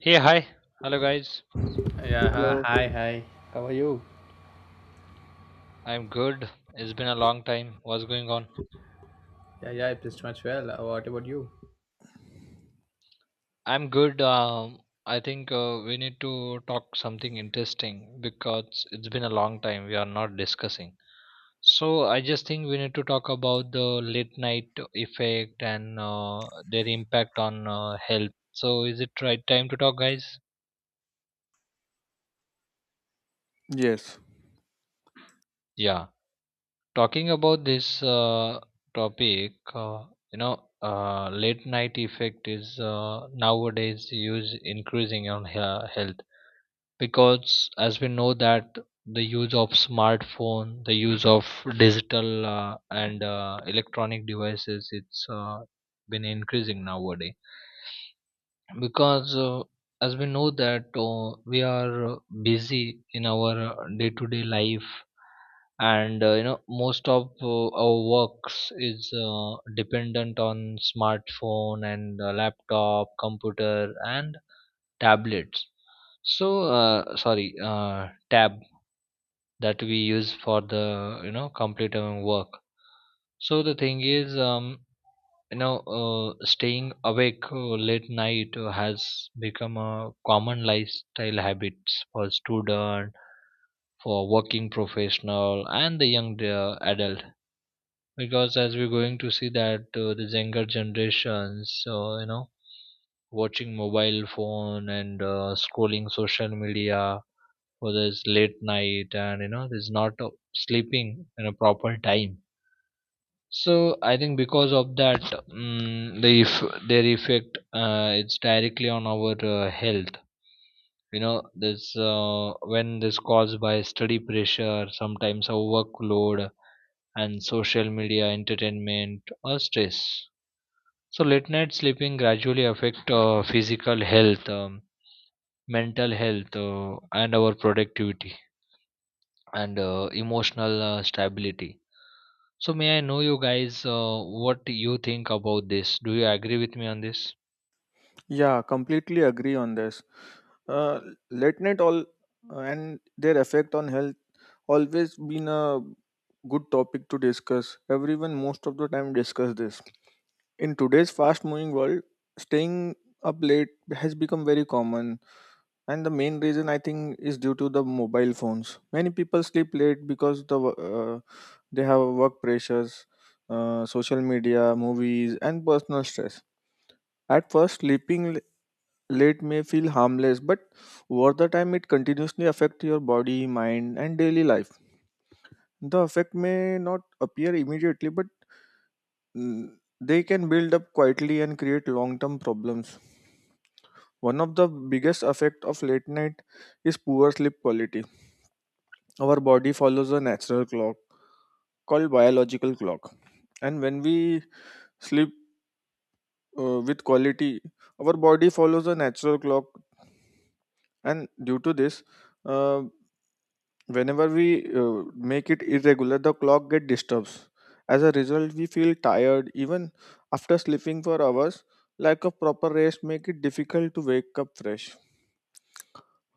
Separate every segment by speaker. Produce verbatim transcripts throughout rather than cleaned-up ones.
Speaker 1: Hey, hi. Hello, guys.
Speaker 2: Yeah, hi,
Speaker 3: Hello.
Speaker 2: hi. hi. How are you?
Speaker 1: I'm good. It's been a long time. What's going on?
Speaker 2: Yeah, yeah, I'm pretty much well. Uh, What about you?
Speaker 1: I'm good. Um, I think uh, we need to talk something interesting because it's been a long time we are not discussing. So I just think we need to talk about the late night effect and uh, their impact on uh, health. So is it right time to talk, guys?
Speaker 3: Yes,
Speaker 1: Yeah. Talking about this uh, topic uh, you know uh, late night effect is uh, nowadays use increasing on hea- health because as we know that the use of smartphone, the use of digital uh, and uh, electronic devices, it's uh, been increasing nowadays because uh, as we know that uh, we are busy in our day to day life and uh, you know, most of uh, our works is uh, dependent on smartphone and uh, laptop, computer and tablets, so uh, sorry uh, tab that we use for the, you know, complete our work. So the thing is, um, you know, uh, staying awake uh, late night uh, has become a common lifestyle habits for student, for working professional and the young uh, adult because as we're going to see that uh, the younger generations, so you know, watching mobile phone and uh, scrolling social media for this late night, and you know, there's not uh, sleeping in a proper time. So I think because of that, mm the eff- their effect, uh, it's directly on our uh, health. You know, this uh, when this caused by study pressure, sometimes a workload and social media, entertainment, or stress. So, late night sleeping gradually affect uh, physical health, um, mental health, uh, and our productivity and uh, emotional uh, stability. So, may I know you guys uh, what you think about this? Do you agree with me on this?
Speaker 3: yeah, completely agree on this. Uh, Late night all uh, and their effect on health always been a good topic to discuss. Everyone most of the time discuss this. In today's fast-moving world, staying up late has become very common, and the main reason I think is due to the mobile phones. Many people sleep late because the wo- uh, they have work pressures, uh, social media, movies, and personal stress. At first, sleeping l- late may feel harmless, but over the time it continuously affects your body, mind, and daily life. The effect may not appear immediately, but mm, they can build up quietly and create long-term problems. One of the biggest effect of late night is poor sleep quality. Our body follows a natural clock called biological clock, and when we sleep uh, with quality our body follows a natural clock, and due to this, uh, whenever we uh, make it irregular the clock get disturbs. As a result we feel tired even after sleeping for hours. Lack of proper rest make it difficult to wake up fresh,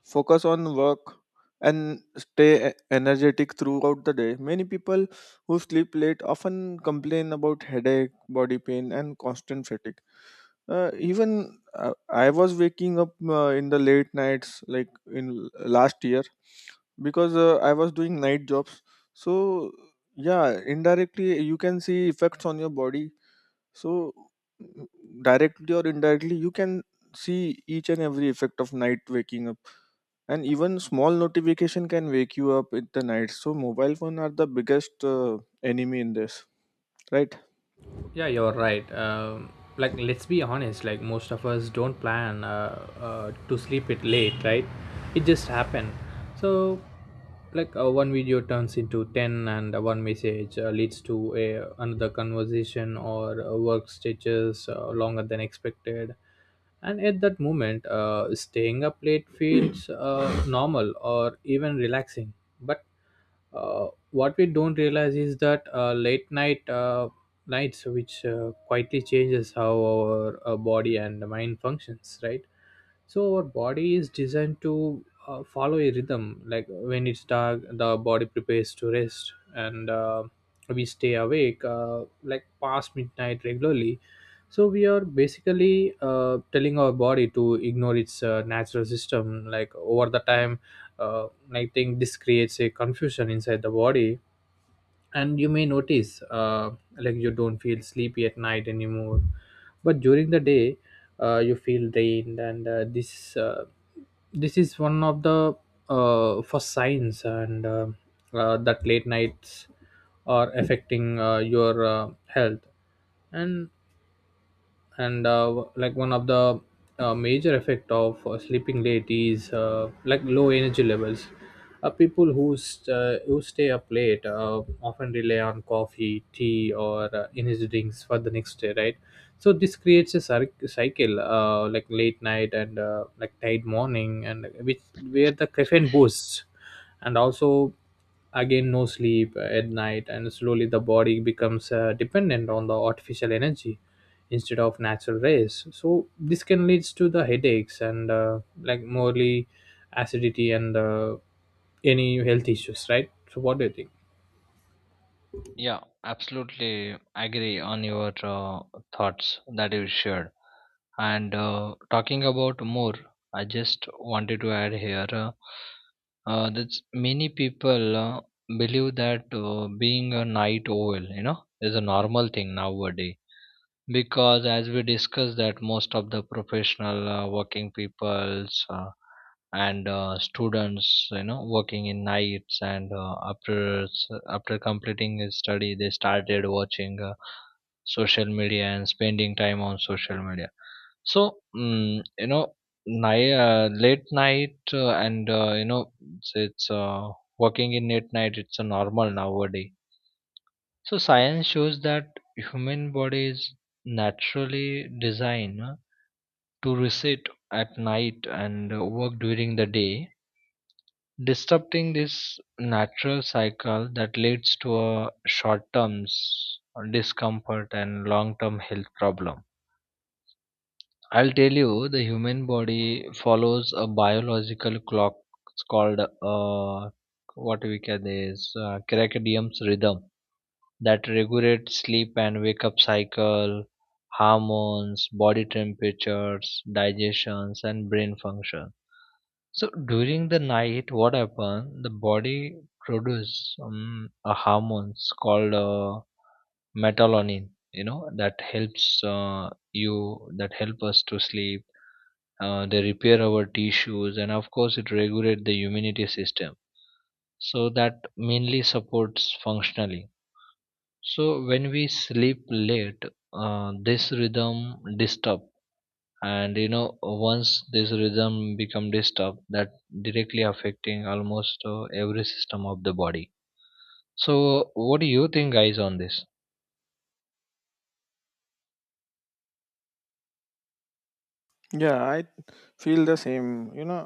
Speaker 3: focus on work, and stay e- energetic throughout the day. Many people who sleep late often complain about headache, body pain, and constant fatigue. Uh, even uh, I was waking up uh, in the late nights, like in l- last year, because uh, I was doing night jobs, so yeah, indirectly you can see effects on your body. So, mm, directly or indirectly you can see each and every effect of night waking up, and even small notification can wake you up in the night. So mobile phone are the biggest uh, enemy in this, right?
Speaker 2: Yeah, you're right. Um, like, let's be honest. Like, most of us don't plan uh, uh, to sleep it late, right? It just happened. So, like, uh, one video turns into ten, and uh, one message uh, leads to a another conversation or uh, work stretches uh, longer than expected. And at that moment, uh, staying up late feels uh, normal or even relaxing. But uh, what we don't realize is that uh, late night uh, nights which uh, quietly changes how our uh, body and mind functions, right? So our body is designed to uh, follow a rhythm, like when it's dark the body prepares to rest, and uh, we stay awake, uh, like past midnight regularly. So we are basically uh, telling our body to ignore its uh, natural system. Like over the time, uh, I think this creates a confusion inside the body, and you may notice, uh, like you don't feel sleepy at night anymore, but during the day uh, you feel drained, and uh, this uh, this is one of the uh, first signs, and uh, uh, that late nights are affecting uh, your uh, health. And and uh, like one of the uh, major effect of uh, sleeping late is, uh, like, low energy levels. Uh, people who, st- uh, who stay up late uh, often rely on coffee, tea, or uh, energy drinks for the next day, right? So this creates a cyc- cycle, uh, like late night and uh, like tight morning, and which where the caffeine boosts, and also again no sleep at night, and slowly the body becomes uh, dependent on the artificial energy instead of natural rays. So this can leads to the headaches and, uh, like, morely acidity and uh, any health issues, right? So what do you think?
Speaker 1: Yeah, absolutely agree on your uh, thoughts that you shared. And uh, talking about more, I just wanted to add here uh, uh, that many people uh, believe that uh, being a night owl, you know, is a normal thing nowadays because as we discussed that most of the professional uh, working peoples uh, and uh, students, you know, working in nights and uh, after s- after completing his study, they started watching uh, social media and spending time on social media. So mm, you know, night, uh, late night uh, and uh, you know, it's, it's uh, working in late night, it's a normal nowadays. So science shows that human body is naturally designed uh, to reset at night and uh, work during the day. Disrupting this natural cycle, that leads to a short-term s- discomfort and long-term health problem. I'll tell you, the human body follows a biological clock. It's called uh, what we can is uh, circadian rhythm that regulate sleep and wake up cycle, hormones, body temperatures, digestions, and brain function. So during the night, what happens? The body produce um, a hormones called uh, melatonin. You know that helps uh, you that help us to sleep. Uh, they repair our tissues, and of course, it regulate the immunity system. So that mainly supports functionally. So when we sleep late, uh, this rhythm disturb, and you know, once this rhythm become disturbed, that directly affecting almost uh, every system of the body. So what do you think, guys, on this?
Speaker 3: Yeah, I feel the same, you know.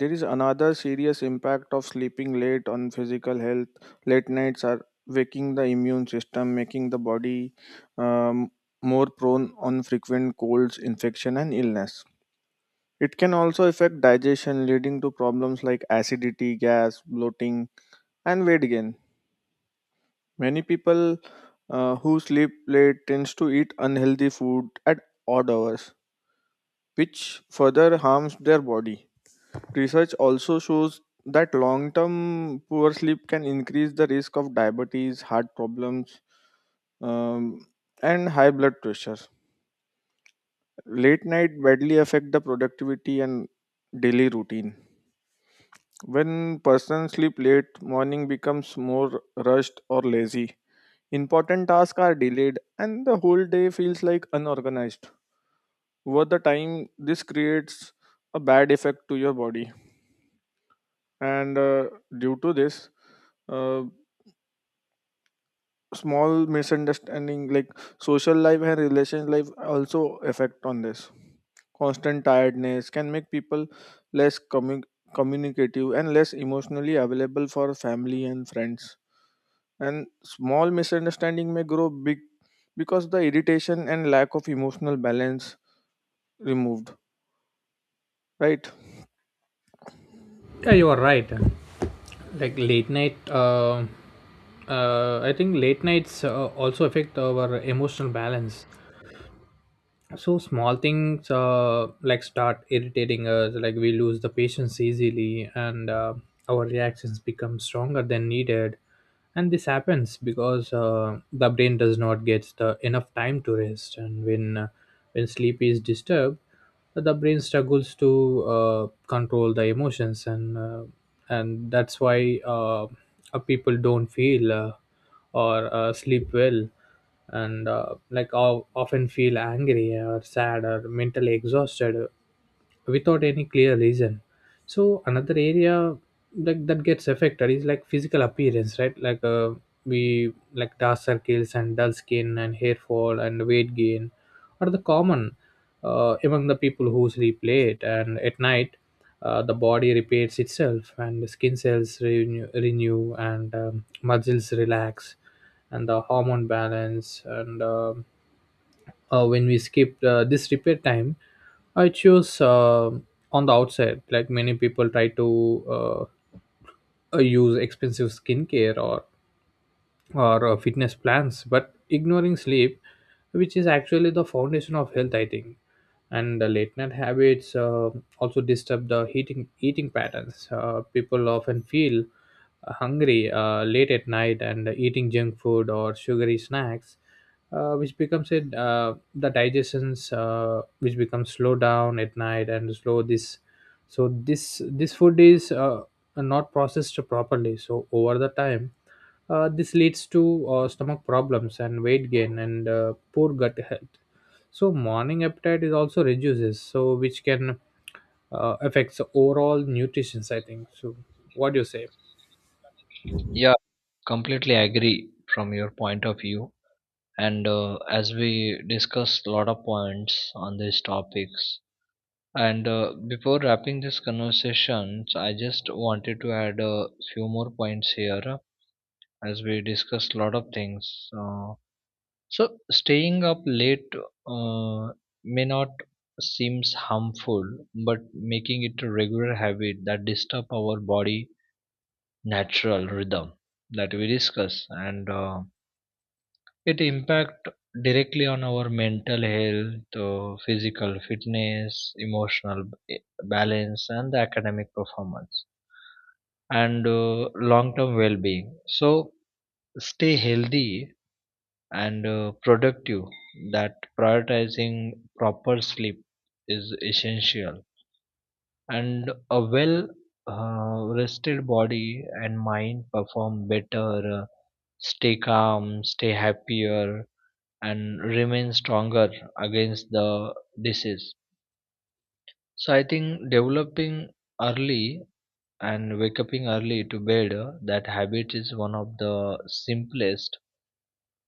Speaker 3: There is another serious impact of sleeping late on physical health. Late nights are waking the immune system, making the body um, more prone on frequent colds, infection, and illness. It can also affect digestion, leading to problems like acidity, gas, bloating, and weight gain. Many people uh, who sleep late tends to eat unhealthy food at odd hours, which further harms their body. Research also shows that long term poor sleep can increase the risk of diabetes, heart problems, um, and high blood pressure. Late night badly affect the productivity and daily routine. When person sleep late, morning becomes more rushed or lazy. Important tasks are delayed and the whole day feels like unorganized. Over the time, this creates a bad effect to your body. And uh, Due to this, uh, small misunderstanding like social life and relation life also affect on this. Constant tiredness can make people less commu- communicative and less emotionally available for family and friends, and small misunderstanding may grow big because the irritation and lack of emotional balance removed, right?
Speaker 2: Yeah, you are right. Like late night uh, uh, I think late nights uh, also affect our emotional balance. So small things, uh, like, start irritating us, like we lose the patience easily, and uh, our reactions become stronger than needed. And this happens because uh, the brain does not get the enough time to rest, and when uh, when sleep is disturbed the brain struggles to uh, control the emotions, and uh, and that's why, uh, uh, people don't feel, uh, or uh, sleep well, and uh, like o- often feel angry or sad or mentally exhausted without any clear reason. So another area like that gets affected is, like, physical appearance, right? Like uh, we, like, dark circles and dull skin and hair fall and weight gain are the common uh, among the people who sleep late. And at night uh, the body repairs itself, and the skin cells renew, renew and um, muscles relax and the hormone balance, and um uh, when we skip uh, this repair time. I choose, uh, on the outside, like many people try to uh, uh, use expensive skincare or or uh, fitness plans but ignoring sleep, which is actually the foundation of health, I think. And the late night habits uh, also disturb the eating eating patterns. Uh, people often feel hungry uh, late at night and eating junk food or sugary snacks, uh, which becomes it, uh, the digestions uh, which becomes slow down at night and slow this. So this this food is uh, not processed properly, so over the time uh, this leads to uh, stomach problems and weight gain and, uh, poor gut health. So morning appetite is also reduces, so which can uh, affects overall nutrition, I think so. What do you say?
Speaker 1: Yeah, completely agree from your point of view. And uh, as we discussed a lot of points on these topics, and uh, before wrapping this conversations, I just wanted to add a few more points here as we discussed a lot of things. Uh, so staying up late uh, may not seems harmful, but making it a regular habit that disturb our body natural rhythm that we discuss, and uh, it impact directly on our mental health, uh, physical fitness, emotional b- eh, balance, and the academic performance, and uh, long-term well-being. So stay healthy and uh, productive, that prioritizing proper sleep is essential, and a well uh, rested body and mind perform better, uh, stay calm, stay happier and remain stronger against the disease. So I think developing early and wake up early to bed, uh, that habit is one of the simplest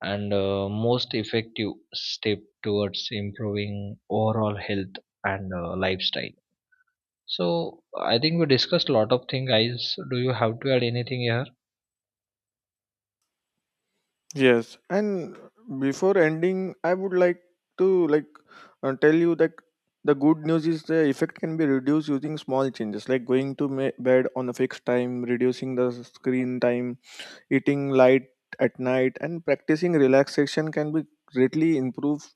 Speaker 1: and uh, most effective step towards improving overall health and uh, lifestyle. So I think we discussed a lot of things, guys. Do you have to add anything here?
Speaker 3: Yes, and before ending, I would like to, like, uh, tell you that the good news is the effect can be reduced using small changes like going to ma- bed on a fixed time, reducing the screen time, eating light at night, and practicing relaxation can be greatly improve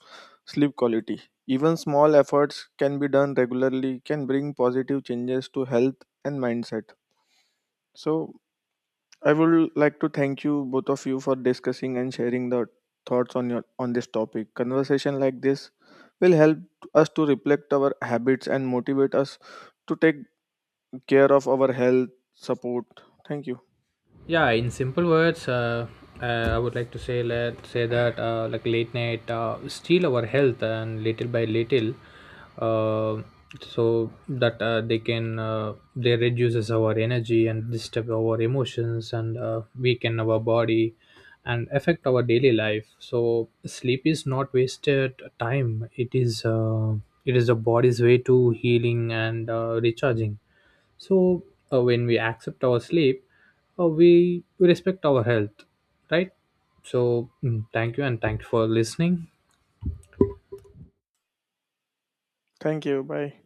Speaker 3: sleep quality. Even small efforts can be done regularly can bring positive changes to health and mindset. So I would like to thank you both of you for discussing and sharing the thoughts on your on this topic. Conversation like this will help us to reflect our habits and motivate us to take care of our health support. Thank you.
Speaker 2: Yeah, in simple words, uh, uh, I would like to say, let say that, uh, like, late night uh, steal our health and little by little, uh, so that uh, they can, uh, they reduces our energy and disturb our emotions and uh, weaken our body and affect our daily life. So sleep is not wasted time, it is, uh, it is the body's way to healing and uh, recharging. So uh, when we accept our sleep, uh, we we respect our health, right? So mm, thank you, and thank you for listening.
Speaker 3: Thank you. Bye.